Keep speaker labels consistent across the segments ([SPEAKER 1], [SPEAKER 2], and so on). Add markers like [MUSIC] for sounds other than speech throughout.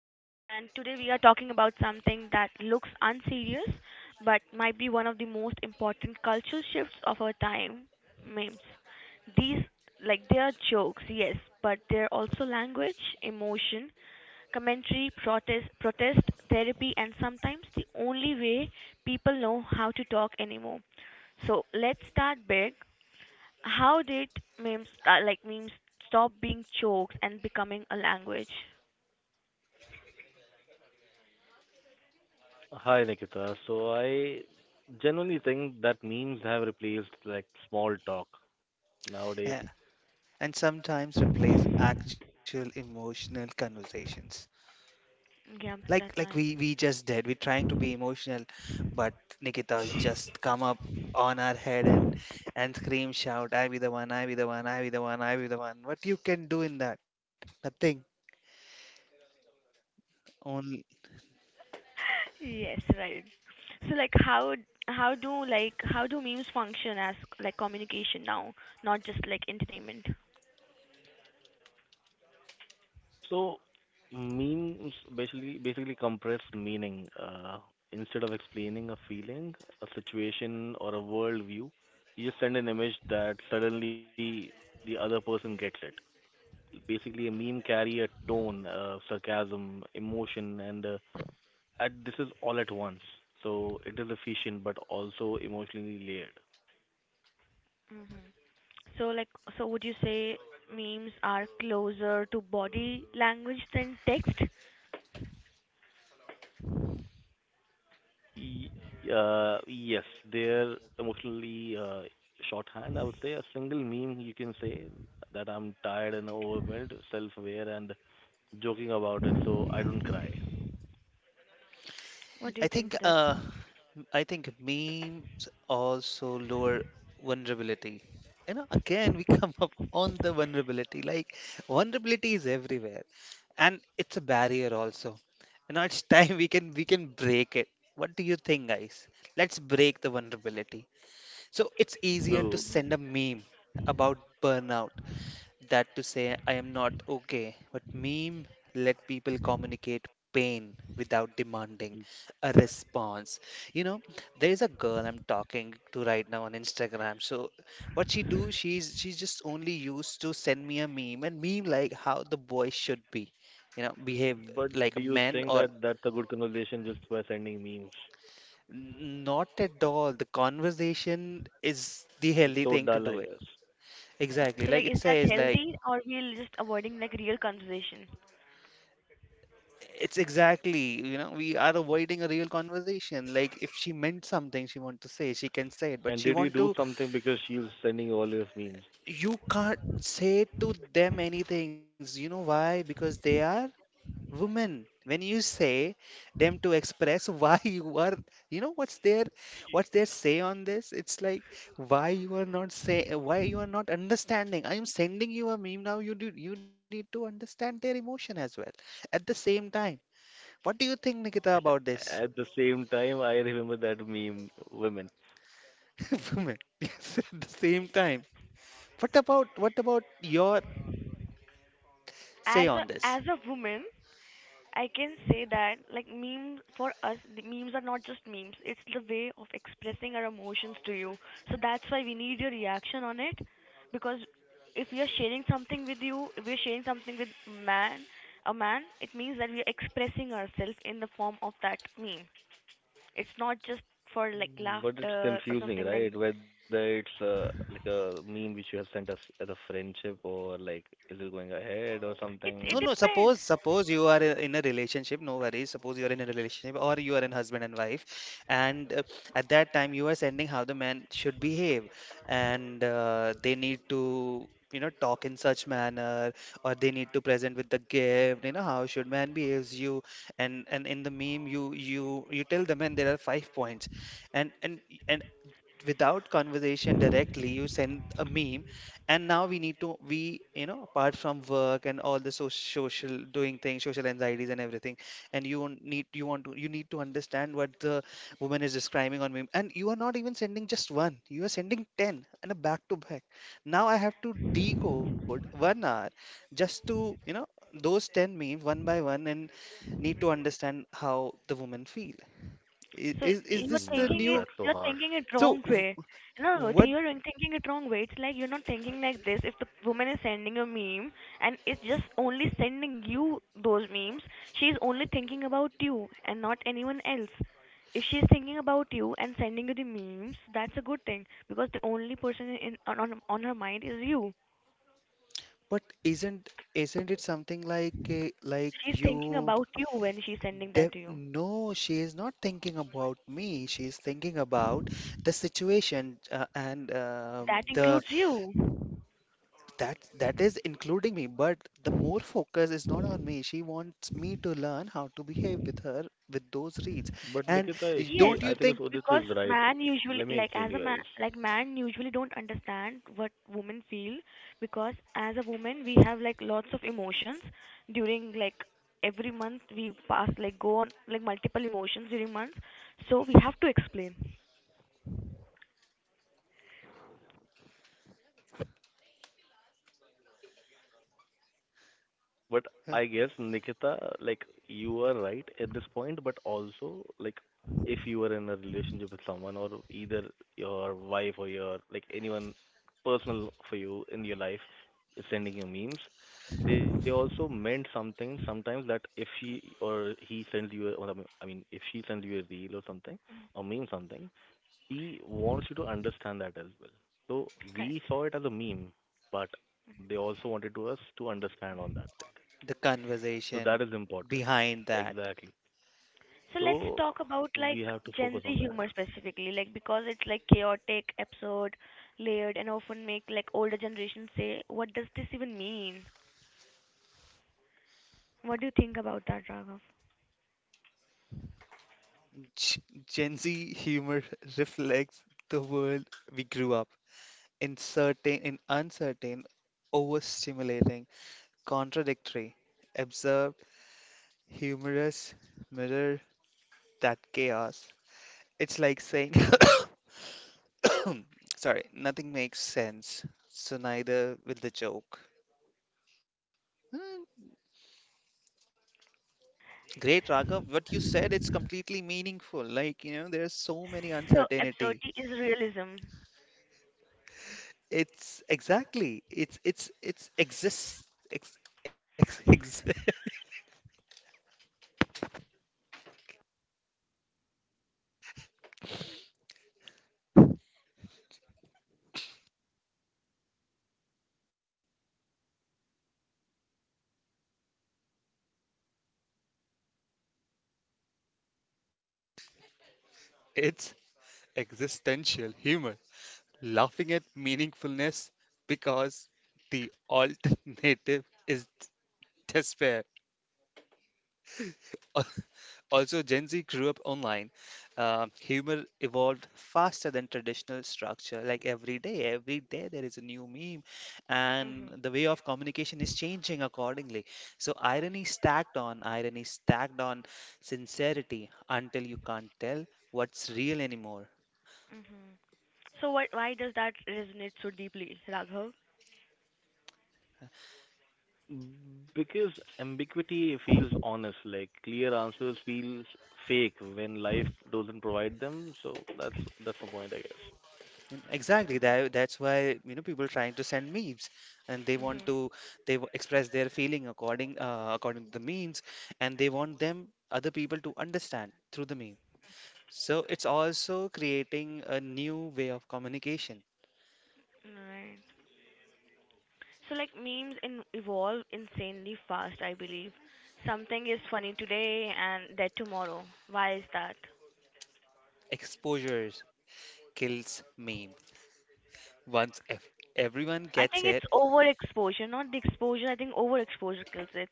[SPEAKER 1] and today we are talking about something that looks unserious but might be one of the most important cultural shifts of our time: memes. These, like, they are jokes, yes, but they're also language, emotion, commentary, protest, therapy, and sometimes the only way people know how to talk anymore. So let's start big. How did memes stop being jokes and becoming a language?
[SPEAKER 2] Hi, Nikita. So I generally think that memes have replaced like small talk
[SPEAKER 3] A-
[SPEAKER 2] nowadays.
[SPEAKER 3] and sometimes replace actual emotional conversations.
[SPEAKER 1] Yeah,
[SPEAKER 3] Like like
[SPEAKER 1] that's
[SPEAKER 3] we
[SPEAKER 1] right.
[SPEAKER 3] we
[SPEAKER 1] [LAUGHS]
[SPEAKER 3] just did. We're trying to be emotional, but Nikita just come up on our head and scream, shout, "I be the one, I be the one, I be the one, I be the one." What you can do in that? Nothing. Only
[SPEAKER 1] Yes, right. So like how do memes function as like communication now, not just like entertainment?
[SPEAKER 2] So memes basically compress meaning. Instead of explaining a feeling, a situation, or a worldview, you just send an image that suddenly the other person gets it. Basically, a meme carry a tone, sarcasm, emotion, and this is all at once. So it is efficient but also emotionally layered.
[SPEAKER 1] Hmm. So like, so would you say memes are closer to body language than text?
[SPEAKER 2] Yes, they're emotionally shorthand. I would say a single meme you can say that I'm tired and overwhelmed, self-aware, and joking about it, so I don't cry.
[SPEAKER 1] What do you
[SPEAKER 3] I
[SPEAKER 1] think
[SPEAKER 3] think
[SPEAKER 1] of that?
[SPEAKER 3] uh I think memes also lower vulnerability. You know, again, we [LAUGHS] come up on the vulnerability. Like, vulnerability is everywhere, and it's a barrier also. You know, it's [LAUGHS] time we can break it. What do you think, guys? Let's break the vulnerability. So it's easier to
[SPEAKER 2] So,
[SPEAKER 3] send a meme about burnout that to say I am not okay, but meme let people communicate pain without demanding
[SPEAKER 2] mm,
[SPEAKER 3] a response. You know, there's a girl I'm talking to right now on Instagram. So what she do, she's just only used to send me a meme and meme like how the boy should be, you know, behave
[SPEAKER 2] but
[SPEAKER 3] like a
[SPEAKER 2] do you
[SPEAKER 3] man
[SPEAKER 2] think
[SPEAKER 3] or
[SPEAKER 2] that that's a good conversation just by sending memes?
[SPEAKER 3] not at all. The conversation is the
[SPEAKER 2] It's
[SPEAKER 3] healthy
[SPEAKER 2] so
[SPEAKER 3] thing to
[SPEAKER 2] dull,
[SPEAKER 3] do
[SPEAKER 2] I
[SPEAKER 3] it.
[SPEAKER 2] guess.
[SPEAKER 3] Exactly.
[SPEAKER 1] So
[SPEAKER 3] Like
[SPEAKER 1] like
[SPEAKER 3] it
[SPEAKER 1] is that
[SPEAKER 3] says, like
[SPEAKER 1] healthy or we are just avoiding like real conversation?
[SPEAKER 3] it's exactly, you know, we are avoiding a real conversation. Like if she meant something she want to say, she can say it, but
[SPEAKER 2] And
[SPEAKER 3] she
[SPEAKER 2] did you
[SPEAKER 3] want
[SPEAKER 2] do
[SPEAKER 3] to,
[SPEAKER 2] something because she was sending all those memes?
[SPEAKER 3] you can't say to them anything. You know why? Because they are women. When you say them to express [LAUGHS] why you are, you know, what's their say on this? It's like why you are not say, why you are not understanding. I am sending you a meme now. You do, you need to understand their emotion as well at the same time. What do you think, Nikita, about this?
[SPEAKER 2] At the same time, I remember that meme, women.
[SPEAKER 3] [LAUGHS] Women, yes, at the same time, what about your say on this.
[SPEAKER 1] As a woman, I can say that, like, memes for us, the memes are not just memes. It's the way of expressing our emotions to you. So that's why we need your reaction on it, because if we are sharing something with you, if we are sharing something with man, a man, it means that we are expressing ourselves in the form of that meme. It's not just for like
[SPEAKER 2] But it's
[SPEAKER 1] laughter or
[SPEAKER 2] confusing,
[SPEAKER 1] something like.
[SPEAKER 2] right? Whether it's like a meme which you have sent us as a friendship, or like is it going ahead or
[SPEAKER 1] It
[SPEAKER 3] no
[SPEAKER 2] something?
[SPEAKER 3] no
[SPEAKER 1] depends.
[SPEAKER 3] suppose you are in a relationship, no worries. Suppose you are in a relationship or you are in husband and wife, and at that time you are sending how the man should behave, and they need to, you know, talk in such manner, or they need to present with the gift, you know, how should man behaves you. And in the meme you tell the man there are 5 points, and and and without conversation directly you send a meme. And now we need to we you know, apart from work and all the social doing things, social anxieties and everything. And you won't need you want to you need to understand what the woman is describing on meme, and you are not even sending just one, you are sending 10 and a back to back. Now I have to decode 1 hour just to, you know, those 10 memes one by one and need to understand how the woman feel. I-
[SPEAKER 1] So
[SPEAKER 3] is is
[SPEAKER 1] you're
[SPEAKER 3] this the
[SPEAKER 1] thinking
[SPEAKER 2] Man,
[SPEAKER 1] it
[SPEAKER 3] new
[SPEAKER 2] that's so
[SPEAKER 1] you're
[SPEAKER 2] harsh.
[SPEAKER 1] thinking it
[SPEAKER 3] so
[SPEAKER 1] wrong
[SPEAKER 3] wh-
[SPEAKER 1] way. No, see,
[SPEAKER 3] what
[SPEAKER 1] you're thinking it wrong way. It's like you're not thinking like this. If the woman is sending a meme and it's just only sending you those memes, she's only thinking about you and not anyone else. If she's thinking about you and sending you the memes, that's a good thing because the only person in on her mind is you.
[SPEAKER 3] But isn't it something like
[SPEAKER 1] She's thinking
[SPEAKER 3] you
[SPEAKER 1] about you when she's sending
[SPEAKER 3] de
[SPEAKER 1] that to you.
[SPEAKER 3] no, she is not thinking about me. She is thinking about the situation and
[SPEAKER 1] That
[SPEAKER 3] the
[SPEAKER 1] includes you.
[SPEAKER 3] that that is including me, but the more focus is not on me. She wants me to learn how to behave with her with those reads.
[SPEAKER 2] But
[SPEAKER 3] And
[SPEAKER 2] Nikita,
[SPEAKER 1] Yes,
[SPEAKER 2] she,
[SPEAKER 3] don't you
[SPEAKER 2] I think
[SPEAKER 3] think
[SPEAKER 2] it's Udit
[SPEAKER 1] because
[SPEAKER 2] is right.
[SPEAKER 1] man usually
[SPEAKER 2] Let me
[SPEAKER 1] like
[SPEAKER 2] explain
[SPEAKER 1] as
[SPEAKER 2] to
[SPEAKER 1] a
[SPEAKER 2] you
[SPEAKER 1] man,
[SPEAKER 2] guys.
[SPEAKER 1] like man usually don't understand what women feel, because as a woman we have like lots of emotions during like every month. We pass like go on like multiple emotions during months, so we have to explain.
[SPEAKER 3] uh,
[SPEAKER 2] But I guess Nikita, like you are right at this point, but also like if you are in a relationship with someone, or either your wife or your like anyone personal for you in your life is sending you memes, they also meant something sometimes that if she or he sends you a, or I mean, if she sends you a reel or something, or meme something, he wants you to understand that as well. So
[SPEAKER 1] Correct.
[SPEAKER 2] we saw it as a meme, but they also wanted to us to understand on that thing.
[SPEAKER 3] the
[SPEAKER 2] So that
[SPEAKER 3] conversation
[SPEAKER 2] is important.
[SPEAKER 3] behind that.
[SPEAKER 2] Exactly.
[SPEAKER 1] So let's
[SPEAKER 2] So
[SPEAKER 1] talk about like
[SPEAKER 2] we have to
[SPEAKER 1] Gen Z
[SPEAKER 2] focus on
[SPEAKER 1] humor
[SPEAKER 2] that
[SPEAKER 1] specifically, like because it's like chaotic, absurd, layered, and often make like older generations say, what does this even mean? What do you think about that, Raghav?
[SPEAKER 3] G- Gen Z humor [LAUGHS] reflects the world we grew up. In uncertain, overstimulating, contradictory, absurd, humorous, mirror that chaos. It's like saying [COUGHS] sorry, nothing makes sense, so neither will the joke. Hmm. Great, Raghav. What you said, it's completely meaningful. Like, you know, there's so many
[SPEAKER 1] So absurdity
[SPEAKER 3] uncertainty.
[SPEAKER 1] is realism.
[SPEAKER 3] It's exactly. It's exists ex, ex, ex, [LAUGHS] it's existential humor, laughing at meaningfulness because the alternative is despair. [LAUGHS] Al- Also, Gen Z grew up online. Humor evolved faster than traditional structure. Like every day there is a new meme, and
[SPEAKER 1] Mhm.
[SPEAKER 3] the way of communication is changing accordingly. So, irony stacked on sincerity until you can't tell what's real anymore.
[SPEAKER 1] Mhm. So what? Why does that resonate so deeply, Raghav?
[SPEAKER 2] because ambiguity feels honest. Like clear answers feels fake when life doesn't provide them. So that's the point, I guess.
[SPEAKER 3] And exactly. That's why, you know, people trying to send memes and they want
[SPEAKER 1] Mhm.
[SPEAKER 3] to they express their feeling according to the memes, and they want them other people to understand through the meme. So it's also creating a new way of communication.
[SPEAKER 1] Right. So like memes evolve insanely fast, I believe. Something is funny today and dead tomorrow. Why is that?
[SPEAKER 3] Exposures kills meme. Once if everyone
[SPEAKER 1] I
[SPEAKER 3] gets
[SPEAKER 1] think it's
[SPEAKER 3] it,
[SPEAKER 1] overexposure, not the exposure. I think overexposure kills it.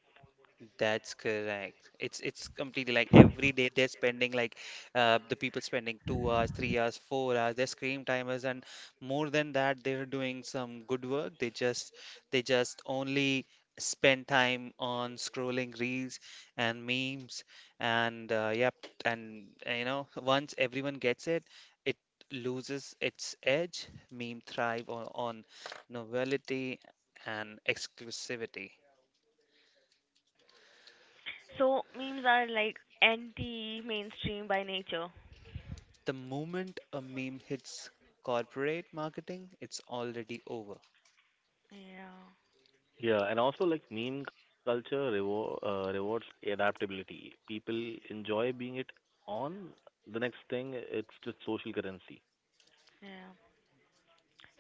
[SPEAKER 3] that's correct. It's completely like every day they're spending like the people spending 2 hours, 3 hours, 4 hours. Their screen time is, and more than that, they're doing some good work. They just only spend time on scrolling reels and memes and you know, once everyone gets it, it loses its edge. Meme thrive on novelty and exclusivity.
[SPEAKER 1] So memes are like anti-mainstream by nature.
[SPEAKER 3] The moment a meme hits corporate marketing, it's already over.
[SPEAKER 1] Yeah.
[SPEAKER 2] Yeah, and also like meme culture reward, rewards adaptability. People enjoy being it on the next thing. It's just social currency.
[SPEAKER 1] Yeah.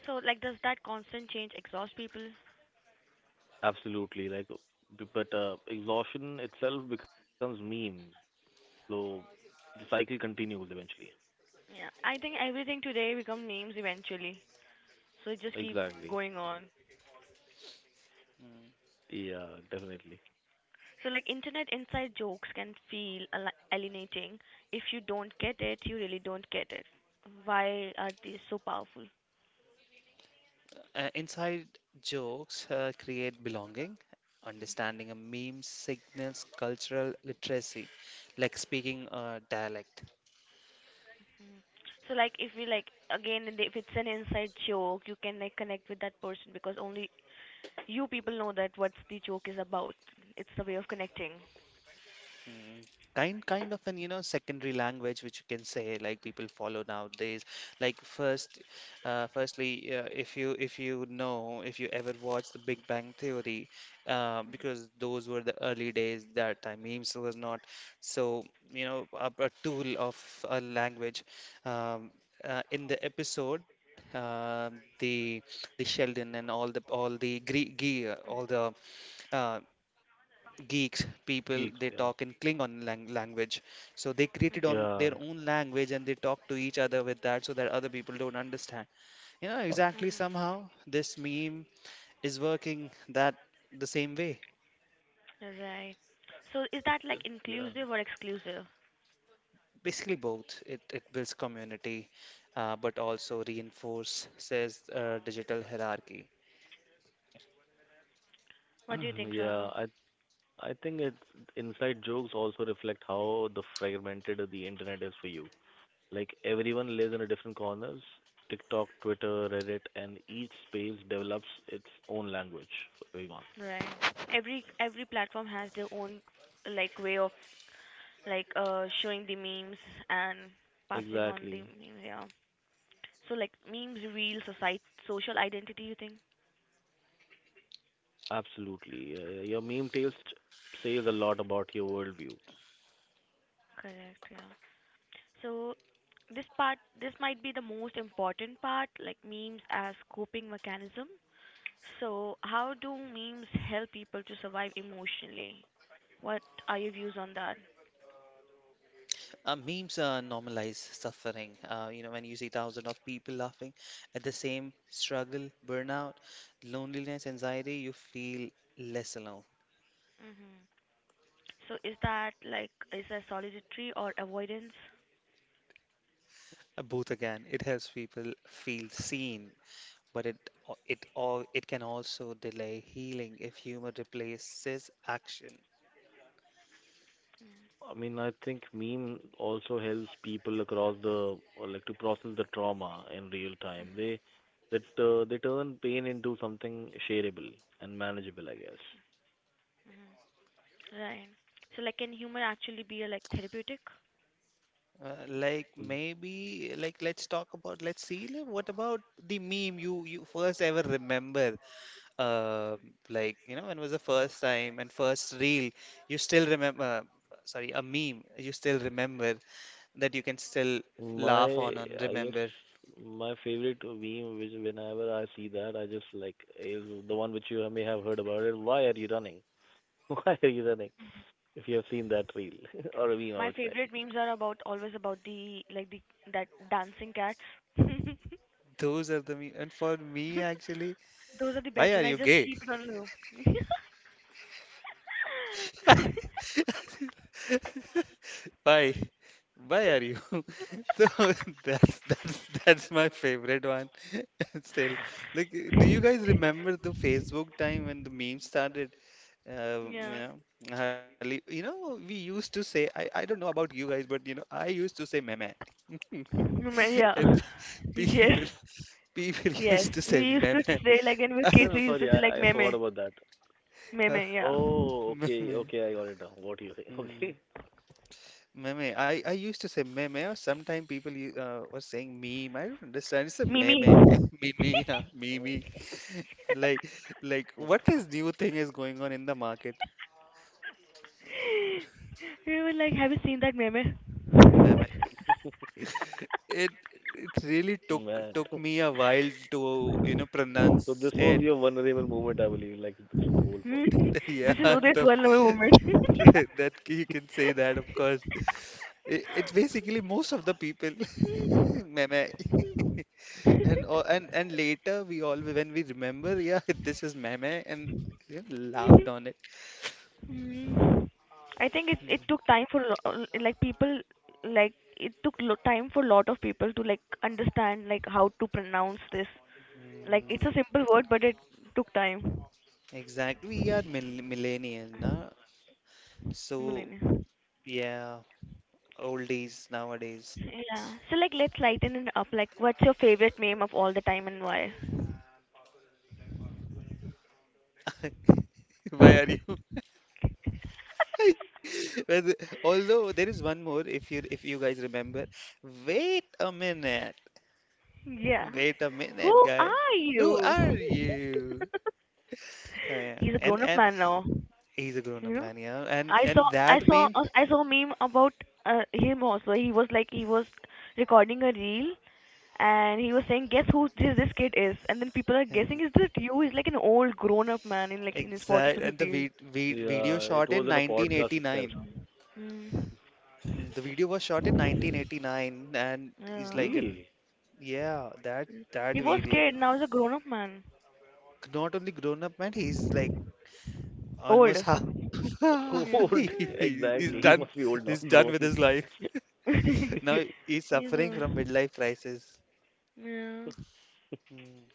[SPEAKER 1] So like, does that constant change exhaust people?
[SPEAKER 2] Absolutely, like, but exhaustion itself becomes meme. So the cycle continues eventually.
[SPEAKER 1] Yeah, I think everything today become memes eventually. So it just keep
[SPEAKER 2] Exactly.
[SPEAKER 1] going on.
[SPEAKER 3] Mm.
[SPEAKER 2] Yeah, definitely.
[SPEAKER 1] So like internet inside jokes can feel alienating. If you don't get it, you really don't get it. Why are these so powerful?
[SPEAKER 3] Inside jokes create belonging. Understanding a meme signals cultural literacy, like speaking a dialect.
[SPEAKER 1] So like if you like, again, and if it's an inside joke, you can like connect with that person because only you people know that what the joke is about. It's the way of connecting.
[SPEAKER 3] Mm, kind of an, you know, secondary language which you can say like people follow nowadays. Like first, if you know if you ever watched The Big Bang Theory, because those were the early days that time memes was not so, you know, a tool of a language. Um, in the episode, the Sheldon and all the uh, geeks, people,
[SPEAKER 2] Keeps,
[SPEAKER 3] they
[SPEAKER 2] yeah.
[SPEAKER 3] talk in Klingon language. So they created on
[SPEAKER 1] Hmm.
[SPEAKER 3] their
[SPEAKER 2] Yeah.
[SPEAKER 3] own language and they talk to each other with that so that other people don't understand. You know, exactly somehow this meme is working that the same way.
[SPEAKER 1] Right. So is that like
[SPEAKER 2] Yeah.
[SPEAKER 1] inclusive or exclusive?
[SPEAKER 3] Basically both. It builds community, but also reinforces digital hierarchy.
[SPEAKER 1] What do you think,
[SPEAKER 2] [CLEARS THROAT] Yeah,
[SPEAKER 1] Raghav?
[SPEAKER 2] I think it's inside jokes also reflect how the fragmented the internet is for you. Like everyone lives in a different corners, TikTok, Twitter, Reddit, and each space develops its own language for everyone.
[SPEAKER 1] Right. Every platform has their own like way of like showing the memes and passing on the
[SPEAKER 2] Exactly.
[SPEAKER 1] memes, yeah. So like memes real society social identity you think?
[SPEAKER 2] Absolutely. Your meme taste says a lot about your worldview.
[SPEAKER 1] Correct, yeah. So this part, this might be the most important part, like memes as coping mechanism. So how do memes help people to survive emotionally? What are your views on that?
[SPEAKER 3] Memes normalize suffering. You know, when you see thousands of people laughing at the same struggle, burnout, loneliness, anxiety, you feel less alone.
[SPEAKER 1] Hmm. So is that like, is that solitary or avoidance?
[SPEAKER 3] Both again, it helps people feel seen, but it al- it all it can also delay healing if humor replaces action.
[SPEAKER 2] I mean, I think meme also helps people across the, or like to process the trauma in real time. They that they turn pain into something shareable and manageable, I guess.
[SPEAKER 1] Right. So like can humor actually be a like therapeutic?
[SPEAKER 3] Like
[SPEAKER 2] M-
[SPEAKER 3] maybe like let's talk about let's see what about the meme you first ever remember, uh, like, you know, when was the first time and first reel you still remember, sorry, a meme you still remember, that you can still laugh
[SPEAKER 2] My
[SPEAKER 3] on and
[SPEAKER 2] I guess
[SPEAKER 3] remember.
[SPEAKER 2] my favorite meme, which whenever I see that, I just like is the one which you may have heard about it. Why are you running? [LAUGHS] Why are you running? If you have seen that reel [LAUGHS] or a meme, I
[SPEAKER 1] My
[SPEAKER 2] would say.
[SPEAKER 1] favorite memes are about always about the like the that dancing cat. [LAUGHS]
[SPEAKER 3] Those are the me and for me actually,
[SPEAKER 1] Those are the
[SPEAKER 3] why
[SPEAKER 1] best
[SPEAKER 3] are
[SPEAKER 1] one. I
[SPEAKER 3] you
[SPEAKER 1] just
[SPEAKER 3] gay,
[SPEAKER 1] keep it on loop. [LAUGHS]
[SPEAKER 3] why why are you [LAUGHS] so [LAUGHS] that's my favorite one [LAUGHS] still. Like, do you guys remember the Facebook time when the meme started?
[SPEAKER 1] yeah.
[SPEAKER 3] You know, you know, we used to say, I don't know about you guys, but you know, I used to say meme.
[SPEAKER 1] Meme,
[SPEAKER 3] [LAUGHS]
[SPEAKER 1] yeah.
[SPEAKER 3] And pe-
[SPEAKER 1] Yes.
[SPEAKER 3] people people [LAUGHS]
[SPEAKER 1] Yes.
[SPEAKER 3] used to say
[SPEAKER 1] We used to
[SPEAKER 3] meme.
[SPEAKER 1] say like when we were
[SPEAKER 2] Well,
[SPEAKER 1] kids
[SPEAKER 2] I'm
[SPEAKER 1] we
[SPEAKER 3] [LAUGHS]
[SPEAKER 1] used to
[SPEAKER 2] sorry,
[SPEAKER 1] say like
[SPEAKER 2] I forgot
[SPEAKER 1] meme.
[SPEAKER 2] about that.
[SPEAKER 3] Uh,
[SPEAKER 1] Meme, yeah.
[SPEAKER 2] Oh, okay,
[SPEAKER 3] Meme.
[SPEAKER 2] okay, I got it now. What do you think? [LAUGHS]
[SPEAKER 3] Hmm.
[SPEAKER 2] Okay.
[SPEAKER 3] Meme. I used to say meme, or sometimes people were saying meme. I don't understand. It's a meme.
[SPEAKER 1] Mimi.
[SPEAKER 3] [LAUGHS] Meme, yeah. Meme. [LAUGHS] Like, like, what is new thing is going on in the market?
[SPEAKER 1] We were like, have you seen that meme?
[SPEAKER 3] Meme.
[SPEAKER 2] Mm,
[SPEAKER 3] It it really took
[SPEAKER 2] Man.
[SPEAKER 3] took
[SPEAKER 2] [LAUGHS]
[SPEAKER 3] me a while to, you know,
[SPEAKER 2] So
[SPEAKER 3] pronounce
[SPEAKER 2] this was
[SPEAKER 3] it.
[SPEAKER 2] your vulnerable moment, I believe, like from the whole
[SPEAKER 1] Hmm?
[SPEAKER 2] podcast.
[SPEAKER 3] [LAUGHS] Yeah,
[SPEAKER 1] This is Uday's one moment.
[SPEAKER 2] [LAUGHS]
[SPEAKER 3] [LAUGHS] that you can say that, of course. It's basically most of the people. [LAUGHS] Meme. [LAUGHS] And all, and later we all when we remember, yeah, [LAUGHS] this is meme and yeah, laughed on
[SPEAKER 1] [LAUGHS]
[SPEAKER 3] it.
[SPEAKER 1] Mm. I think it it
[SPEAKER 3] Mm,
[SPEAKER 1] took time for like people, like it took time for lot of people to like understand like how to pronounce this. Like
[SPEAKER 3] mm,
[SPEAKER 1] it's a simple word, but it took time.
[SPEAKER 3] exactly. We are mill millennials, na? So
[SPEAKER 1] Millennial.
[SPEAKER 3] yeah, oldies nowadays.
[SPEAKER 1] Yeah. So like let's lighten it up. Like what's your favorite meme of all the time and why?
[SPEAKER 3] [LAUGHS] Why are you? [LAUGHS] But although there is one more, if you guys remember. Wait a minute.
[SPEAKER 1] Yeah.
[SPEAKER 3] Wait a
[SPEAKER 1] Who
[SPEAKER 3] minute, guy.
[SPEAKER 1] are
[SPEAKER 3] Who
[SPEAKER 1] you?
[SPEAKER 3] are
[SPEAKER 1] [LAUGHS]
[SPEAKER 3] you? Oh, yeah.
[SPEAKER 1] He's a
[SPEAKER 3] And
[SPEAKER 1] grown up
[SPEAKER 3] and
[SPEAKER 1] man now.
[SPEAKER 3] he's a
[SPEAKER 1] You
[SPEAKER 3] grown-up
[SPEAKER 1] know?
[SPEAKER 3] man, yeah. And
[SPEAKER 1] I saw
[SPEAKER 3] and
[SPEAKER 1] I
[SPEAKER 3] that
[SPEAKER 1] saw
[SPEAKER 3] meme,
[SPEAKER 1] a- I saw a meme about him also. He was like he was recording a reel and he was saying, "Guess who this this kid is?" And then people are guessing,
[SPEAKER 3] mm,
[SPEAKER 1] "Is this you?" He's like an old grown-up man in like in his forties or
[SPEAKER 3] exact. And
[SPEAKER 1] fifties.
[SPEAKER 3] video
[SPEAKER 2] Yeah, it
[SPEAKER 3] shot in
[SPEAKER 2] was in a podcast itself.
[SPEAKER 3] 1989.
[SPEAKER 1] Mm.
[SPEAKER 3] Mm, the video was shot in 1989, and he's
[SPEAKER 1] Yeah.
[SPEAKER 3] like an
[SPEAKER 2] Really?
[SPEAKER 3] yeah, that
[SPEAKER 1] He was
[SPEAKER 3] video.
[SPEAKER 1] scared. Now he's a grown-up man,
[SPEAKER 3] Not only grown-up man, he's like almost
[SPEAKER 1] old.
[SPEAKER 3] half.
[SPEAKER 2] [LAUGHS]
[SPEAKER 3] [LAUGHS]
[SPEAKER 2] Old.
[SPEAKER 1] Yeah.
[SPEAKER 3] He-
[SPEAKER 2] Exactly.
[SPEAKER 3] he's
[SPEAKER 2] He must
[SPEAKER 3] done.
[SPEAKER 2] be old now, [LAUGHS]
[SPEAKER 3] He's done
[SPEAKER 2] grown.
[SPEAKER 3] with
[SPEAKER 2] [LAUGHS]
[SPEAKER 3] his life.
[SPEAKER 1] Mm.
[SPEAKER 3] Now he's
[SPEAKER 1] [LAUGHS] he's
[SPEAKER 3] suffering
[SPEAKER 1] a
[SPEAKER 3] from midlife crisis.
[SPEAKER 1] yeah.
[SPEAKER 3] Mm,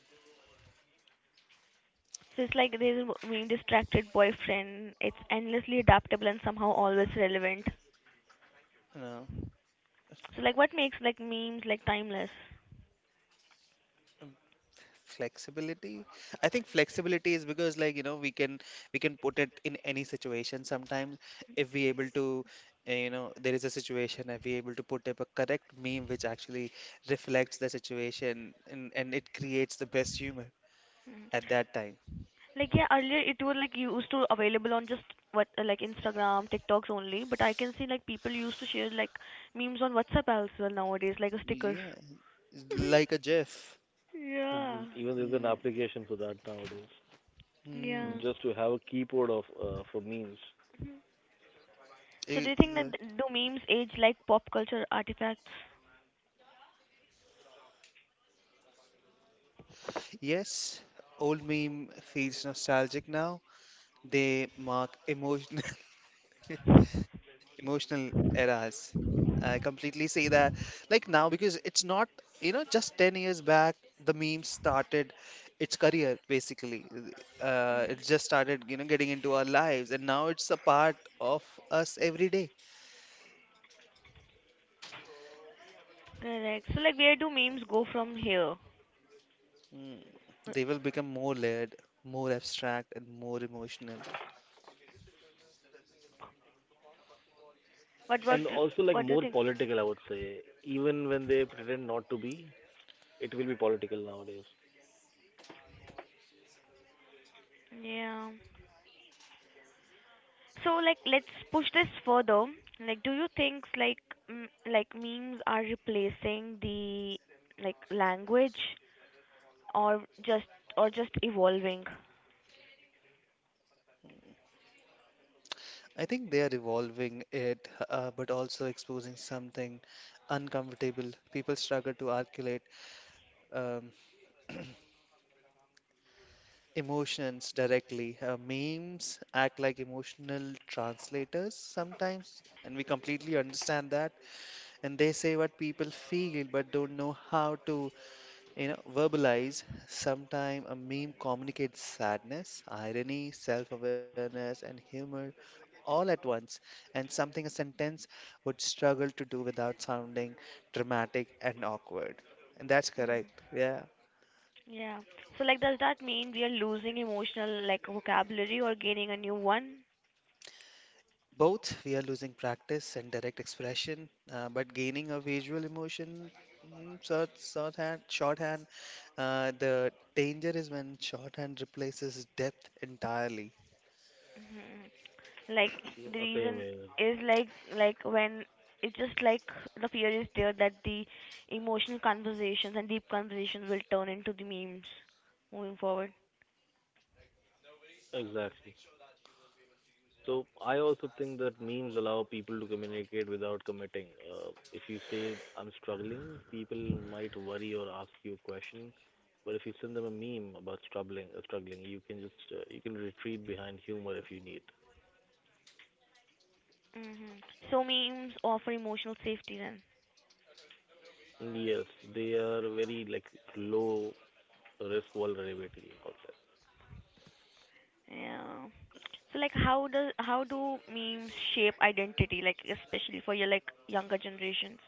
[SPEAKER 1] So it's like there's a being distracted boyfriend. It's endlessly adaptable and somehow always relevant.
[SPEAKER 3] no.
[SPEAKER 1] So like, what makes like memes like timeless?
[SPEAKER 3] Um, Flexibility. I think flexibility is because, like, you know, we can put it in any situation. Sometimes if we able to you know, there is a situation if we able to put up a correct meme which actually reflects the situation and it creates the best humor at that time.
[SPEAKER 1] Like yeah, earlier it was like used to available on just what like Instagram, TikToks only. But I can see like people used to share like memes on WhatsApp as well nowadays, like a stickers.
[SPEAKER 3] Yeah, like a
[SPEAKER 1] [LAUGHS]
[SPEAKER 3] GIF.
[SPEAKER 1] yeah,
[SPEAKER 2] Even there's an application for that nowadays.
[SPEAKER 3] Hmm.
[SPEAKER 1] yeah.
[SPEAKER 2] Just to have a keyboard of for memes.
[SPEAKER 1] So do you think that
[SPEAKER 3] exa-
[SPEAKER 1] do memes age like pop culture artifacts?
[SPEAKER 3] Yes, old meme feels nostalgic now. They mark emotional [LAUGHS] emotional eras. I completely see that. Like now, because it's not, you know, just 10 years back, the meme started its career basically. It just started, you know, getting into our lives, and now it's a part of us every day.
[SPEAKER 1] Correct. So like where do memes go from here?
[SPEAKER 3] Mm. They will become more layered, more abstract, and more emotional.
[SPEAKER 1] What
[SPEAKER 2] And
[SPEAKER 1] what do,
[SPEAKER 2] also like
[SPEAKER 1] what
[SPEAKER 2] more
[SPEAKER 1] do you think?
[SPEAKER 2] political, I would say. Even when they pretend not to be, it will be political nowadays.
[SPEAKER 1] Yeah. So like let's push this further. Like do you think like like memes are replacing the like language or just evolving.
[SPEAKER 3] I think they are evolving it, but also exposing something uncomfortable. People struggle to articulate um, [CLEARS THROAT] emotions directly. Memes act like emotional translators sometimes, and we completely understand that. And they say what people feel, but don't know how to, you know, verbalize. Sometimes a meme communicates sadness, irony, self-awareness, and humor all at once, and something a sentence would struggle to do without sounding dramatic and awkward. And that's correct.
[SPEAKER 1] Mhm.
[SPEAKER 3] Yeah.
[SPEAKER 1] Yeah. So like does that mean we are losing emotional like vocabulary or gaining a new one?
[SPEAKER 3] Both we are losing practice and direct expression, but gaining a visual emotion. Shorthand. The danger is when shorthand replaces depth entirely.
[SPEAKER 1] Mhm. Like
[SPEAKER 2] So,
[SPEAKER 1] the
[SPEAKER 2] same
[SPEAKER 1] reason
[SPEAKER 2] here.
[SPEAKER 1] is like when it's just like the fear is there that the emotional conversations and deep conversations will turn into the memes moving forward.
[SPEAKER 2] Exactly. So I also think that memes allow people to communicate without committing. If you say I'm struggling, people might worry or ask you a question. But if you send them a meme about struggling, you can just you can retreat behind humor if you need.
[SPEAKER 1] Mhm. So memes offer emotional safety then.
[SPEAKER 2] Yes, they are very like low risk vulnerability outside.
[SPEAKER 1] Yeah. So like how does how do memes shape identity like especially for your like younger generations?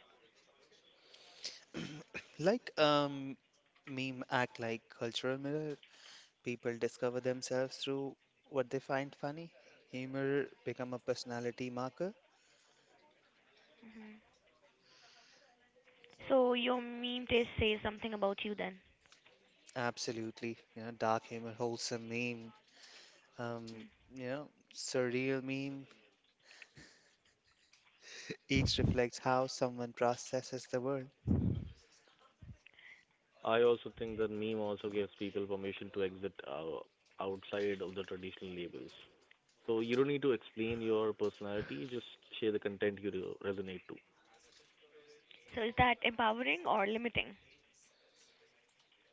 [SPEAKER 3] [CLEARS THROAT] Like meme act like cultural mirror. People discover themselves through what they find funny. Humor become a personality marker.
[SPEAKER 1] Hmm. So your meme taste says something about you then.
[SPEAKER 3] Absolutely. You know, dark humor, wholesome meme, um,
[SPEAKER 1] Mm.
[SPEAKER 3] you know, surreal meme. Each reflects how someone processes the world.
[SPEAKER 2] I also think that meme also gives people permission to exit outside of the traditional labels. So you don't need to explain your personality, just share the content you resonate to.
[SPEAKER 1] So is that empowering or limiting?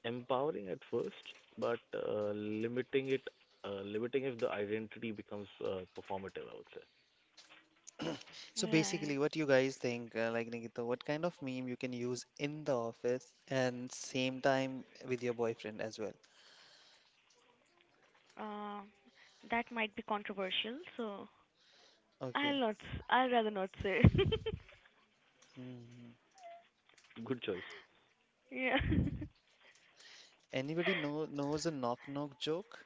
[SPEAKER 2] Empowering at first, but limiting it, limiting if the identity becomes performative, I would say.
[SPEAKER 3] [CLEARS THROAT] So
[SPEAKER 1] Yeah.
[SPEAKER 3] basically, what you guys think, like Nikita, what kind of meme you can use in the office and same time with your boyfriend as well?
[SPEAKER 1] Uh, that might be controversial. So
[SPEAKER 3] Okay.
[SPEAKER 1] I'll not. I'd rather not say.
[SPEAKER 3] Mhm,
[SPEAKER 2] Good choice.
[SPEAKER 1] [LAUGHS] yeah.
[SPEAKER 3] mhm.
[SPEAKER 1] [LAUGHS]
[SPEAKER 3] Anybody knows a knock knock joke?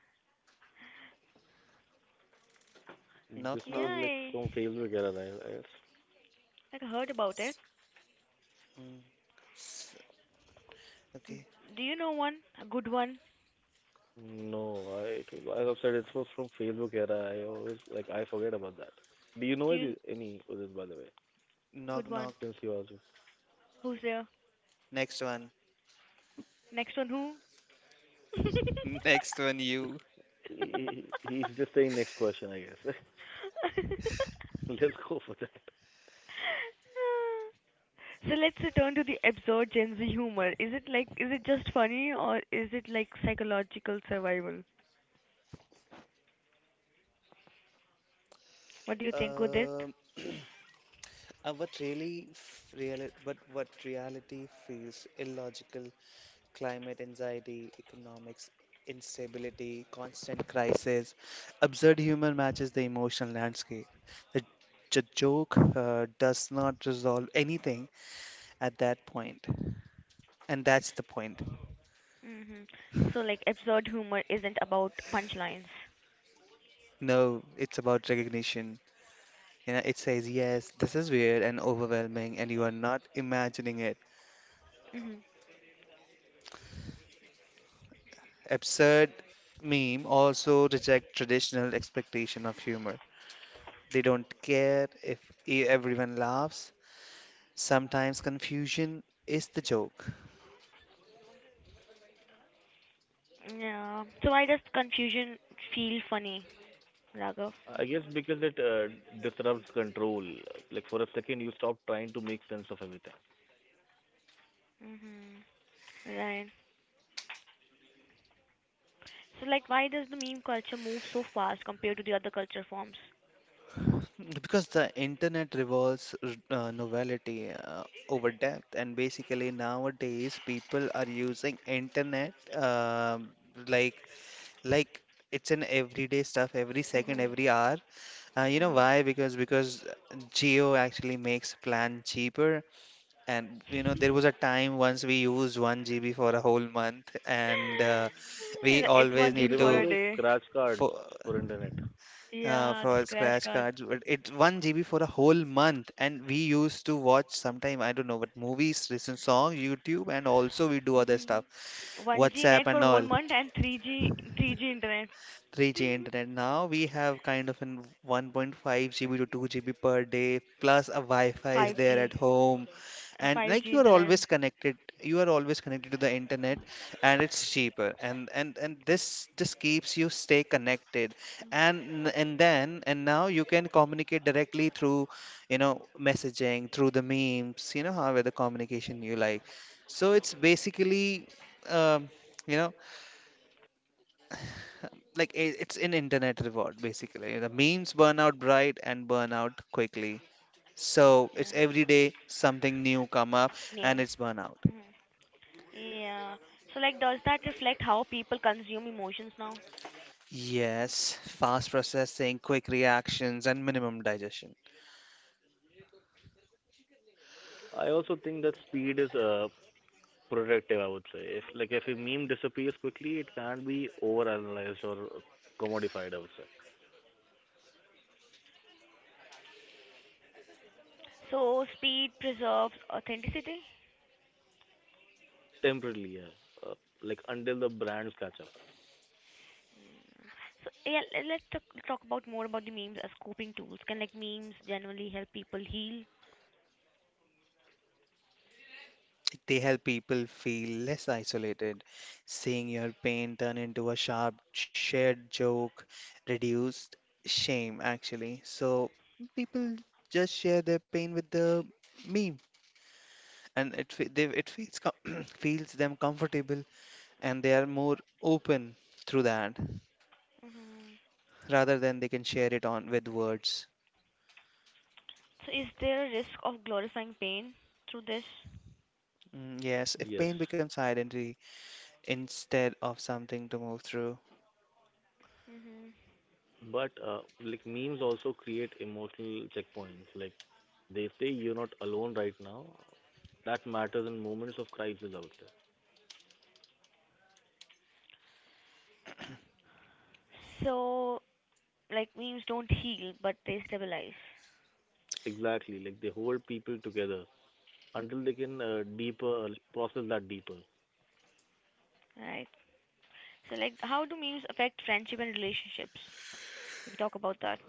[SPEAKER 2] This
[SPEAKER 3] Knock
[SPEAKER 1] yeah.
[SPEAKER 2] was like
[SPEAKER 3] knock.
[SPEAKER 1] I
[SPEAKER 2] from Facebook era, I guess.
[SPEAKER 1] like heard about it.
[SPEAKER 3] Mm. Okay.
[SPEAKER 1] Do you know one? A good one?
[SPEAKER 2] No, it was, as I've said, it was from Facebook era. I always, like, I forget about that. Do you know
[SPEAKER 1] Do you
[SPEAKER 2] any, Udit, by the way,
[SPEAKER 3] Knock
[SPEAKER 1] good one?
[SPEAKER 3] knock.
[SPEAKER 2] since you asked me? [LAUGHS]
[SPEAKER 1] Who's there?
[SPEAKER 3] Next one.
[SPEAKER 1] Next one who?
[SPEAKER 3] [LAUGHS] Next one, you.
[SPEAKER 2] He's just saying next question, I guess. [LAUGHS] Let's go for that.
[SPEAKER 1] So let's return to the absurd Gen Z humor. Is it like, is it just funny or is it like psychological survival? What do you think, Udit?
[SPEAKER 3] Um, [CLEARS THROAT] what really f- reali but what reality feels illogical, climate anxiety, economics instability, constant crisis, absurd humor matches the emotional landscape. The, the joke does not resolve anything at that point, and that's the point.
[SPEAKER 1] Hmm. So like absurd humor isn't about punchlines.
[SPEAKER 3] No, it's about recognition. You know, it says, yes, this is weird and overwhelming, and you are not imagining it.
[SPEAKER 1] Mhm.
[SPEAKER 3] Absurd meme also reject traditional expectation of humor. They don't care if everyone laughs. Sometimes confusion is the joke.
[SPEAKER 1] Yeah. So why does confusion feel funny, Raghav?
[SPEAKER 2] I guess because it disrupts control. Like for a second, you stop trying to make sense of everything.
[SPEAKER 1] Hmm. Right. So like why does the meme culture move so fast compared to the other culture forms?
[SPEAKER 3] [LAUGHS] Because the internet revolves novelty over depth, and basically nowadays people are using internet um like like it's an everyday stuff every second
[SPEAKER 1] Mhm.
[SPEAKER 3] every hour. You know why?
[SPEAKER 1] Hmm.
[SPEAKER 3] Because Geo actually makes plan cheaper, and you know there was a time once we used one GB for a whole month, and we
[SPEAKER 1] Yeah, it's
[SPEAKER 3] always
[SPEAKER 1] one
[SPEAKER 2] You
[SPEAKER 3] need
[SPEAKER 1] GB
[SPEAKER 3] to
[SPEAKER 1] for
[SPEAKER 2] remember
[SPEAKER 1] a
[SPEAKER 2] those
[SPEAKER 1] day.
[SPEAKER 2] scratch cards
[SPEAKER 3] for
[SPEAKER 2] for internet?
[SPEAKER 1] Yeah, the
[SPEAKER 3] for
[SPEAKER 1] scratch
[SPEAKER 3] scratch
[SPEAKER 1] card.
[SPEAKER 3] cards. But it's one GB for a whole month, and we used to watch sometime I don't know, but movies, listen song, YouTube, and also we do other stuff,
[SPEAKER 1] [LAUGHS] 1G
[SPEAKER 3] WhatsApp
[SPEAKER 1] net for
[SPEAKER 3] and
[SPEAKER 1] whole
[SPEAKER 3] all.
[SPEAKER 1] month and 3G internet,
[SPEAKER 3] 3G internet. Now we have kind of an 1.5 GB to 2 GB per day, plus a Wi-Fi is there
[SPEAKER 1] 5G
[SPEAKER 3] at home.
[SPEAKER 1] and
[SPEAKER 3] And like
[SPEAKER 1] 5G
[SPEAKER 3] you are
[SPEAKER 1] internet.
[SPEAKER 3] always connected, you are always connected to the internet and it's cheaper. And this just keeps you stay connected. And now you can communicate directly through, you know, messaging, through the memes, you know, however the communication you like. So it's basically um, you know like it's an internet reward basically. The memes burn out bright and burn out quickly. So
[SPEAKER 1] Yeah,
[SPEAKER 3] it's every day something new come up
[SPEAKER 1] new.
[SPEAKER 3] and it's burn out.
[SPEAKER 1] Mhm. Yeah. So like, does that reflect how people consume emotions now?
[SPEAKER 3] Yes, fast processing, quick reactions, and minimum digestion.
[SPEAKER 2] I also think that speed is productive. I would say if like if a meme disappears quickly, it can't be overanalyzed or commodified. I would say
[SPEAKER 1] So speed preserves authenticity.
[SPEAKER 2] temporarily, yeah. Like until the brands catch up.
[SPEAKER 1] Mm. So yeah, let's talk about more about the memes as coping tools. Can like memes generally help people heal?
[SPEAKER 3] They help people feel less isolated. Seeing your pain turn into a sharp, shared joke reduced shame, actually. So people just share their pain with the meme and it fe- they it feels [CLEARS THROAT] feels them comfortable and they are more open through that
[SPEAKER 1] Hmm.
[SPEAKER 3] rather than they can share it on with words.
[SPEAKER 1] So is there a risk of glorifying pain through this?
[SPEAKER 3] Mm, yes, if
[SPEAKER 2] Yes.
[SPEAKER 3] pain becomes identity instead of something to move through,
[SPEAKER 1] Hmm.
[SPEAKER 2] But like memes also create emotional checkpoints. Like they say you're not alone right now. That matters in moments of crisis, I would say.
[SPEAKER 1] So like memes don't heal but they stabilize.
[SPEAKER 2] Exactly. Like they hold people together until they can deeper like, process that deeper.
[SPEAKER 1] Right. So like how do memes affect friendship and relationships if you talk about that?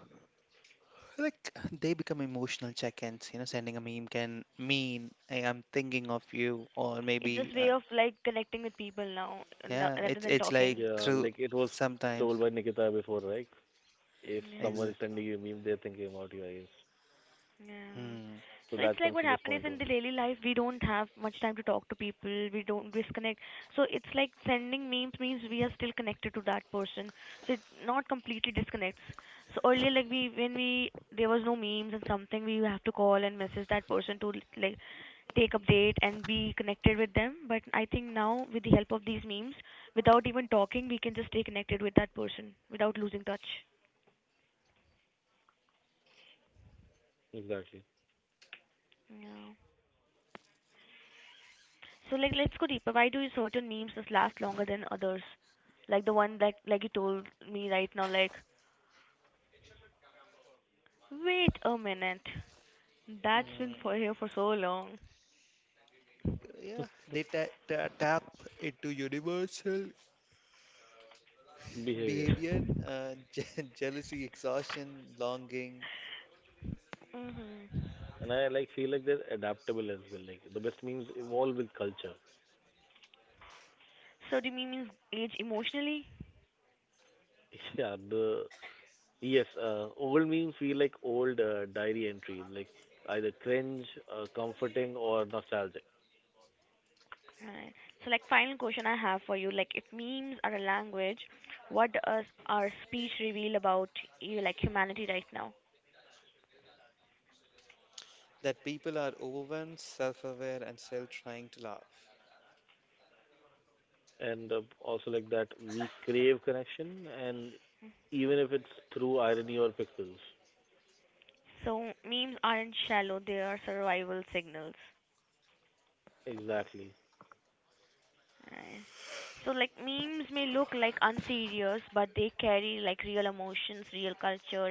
[SPEAKER 3] like they become emotional check-ins. You know, sending a meme can mean I am thinking of you, or
[SPEAKER 1] It's just
[SPEAKER 3] maybe
[SPEAKER 1] way of like connecting with people now, no,
[SPEAKER 3] yeah,
[SPEAKER 1] rather
[SPEAKER 3] it's
[SPEAKER 1] than
[SPEAKER 3] it's like
[SPEAKER 1] talking.
[SPEAKER 2] Yeah,
[SPEAKER 3] through
[SPEAKER 2] like it was
[SPEAKER 3] sometimes.
[SPEAKER 2] told by Nikita before, right? If
[SPEAKER 1] Yeah.
[SPEAKER 2] someone
[SPEAKER 3] Exa-
[SPEAKER 2] is sending you a meme, they're thinking about you, I guess.
[SPEAKER 1] Yeah.
[SPEAKER 3] hmm.
[SPEAKER 2] So that comes
[SPEAKER 1] So
[SPEAKER 2] to
[SPEAKER 1] it's
[SPEAKER 2] this
[SPEAKER 1] like what
[SPEAKER 2] point
[SPEAKER 1] happens
[SPEAKER 2] only.
[SPEAKER 1] is in the daily life we don't have much time to talk to people. We don't disconnect, so it's like sending memes means we are still connected to that person, so it not completely disconnects. So earlier like we when we, there was no memes and something we have to call and message that person to like take update and be connected with them. But I think now with the help of these memes, without even talking, we can just stay connected with that person without losing touch.
[SPEAKER 2] Exactly.
[SPEAKER 1] Yeah. So like let's go deeper. Why do you certain memes just last longer than others? Like the one that like you told me right now, like wait a minute. That's been for
[SPEAKER 3] Mm,
[SPEAKER 1] here for so long.
[SPEAKER 3] yeah, they ta ta tap into universal
[SPEAKER 2] Behavior,
[SPEAKER 3] behavior,
[SPEAKER 2] right?
[SPEAKER 3] [LAUGHS] jealousy, exhaustion, longing,
[SPEAKER 1] Mhm.
[SPEAKER 2] And I like feel like they're adaptable as well. Like the best memes evolve with culture.
[SPEAKER 1] So do memes age emotionally?
[SPEAKER 2] [LAUGHS] Yeah, the Yes, old memes feel like old diary entries, like either cringe, comforting, or nostalgic.
[SPEAKER 1] Right. So, like, final question I have for you, like, if memes are a language, what does our speech reveal about you, like, humanity right now?
[SPEAKER 3] that people are overwhelmed, self aware, and still trying to laugh.
[SPEAKER 2] And also like that, we crave connection, and even if it's through irony or pixels. Exactly.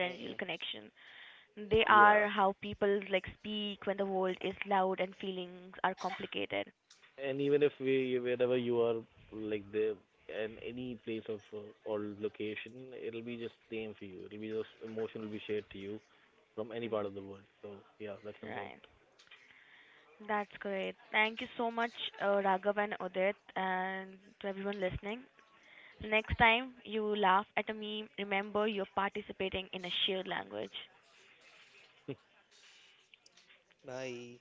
[SPEAKER 2] Mm-mm. Yeah. And even if we, wherever you are, like there, and any place of or location, it'll be just same for you. It'll be just emotion will be shared to you from any part of the world. So yeah, that's important.
[SPEAKER 3] Bye.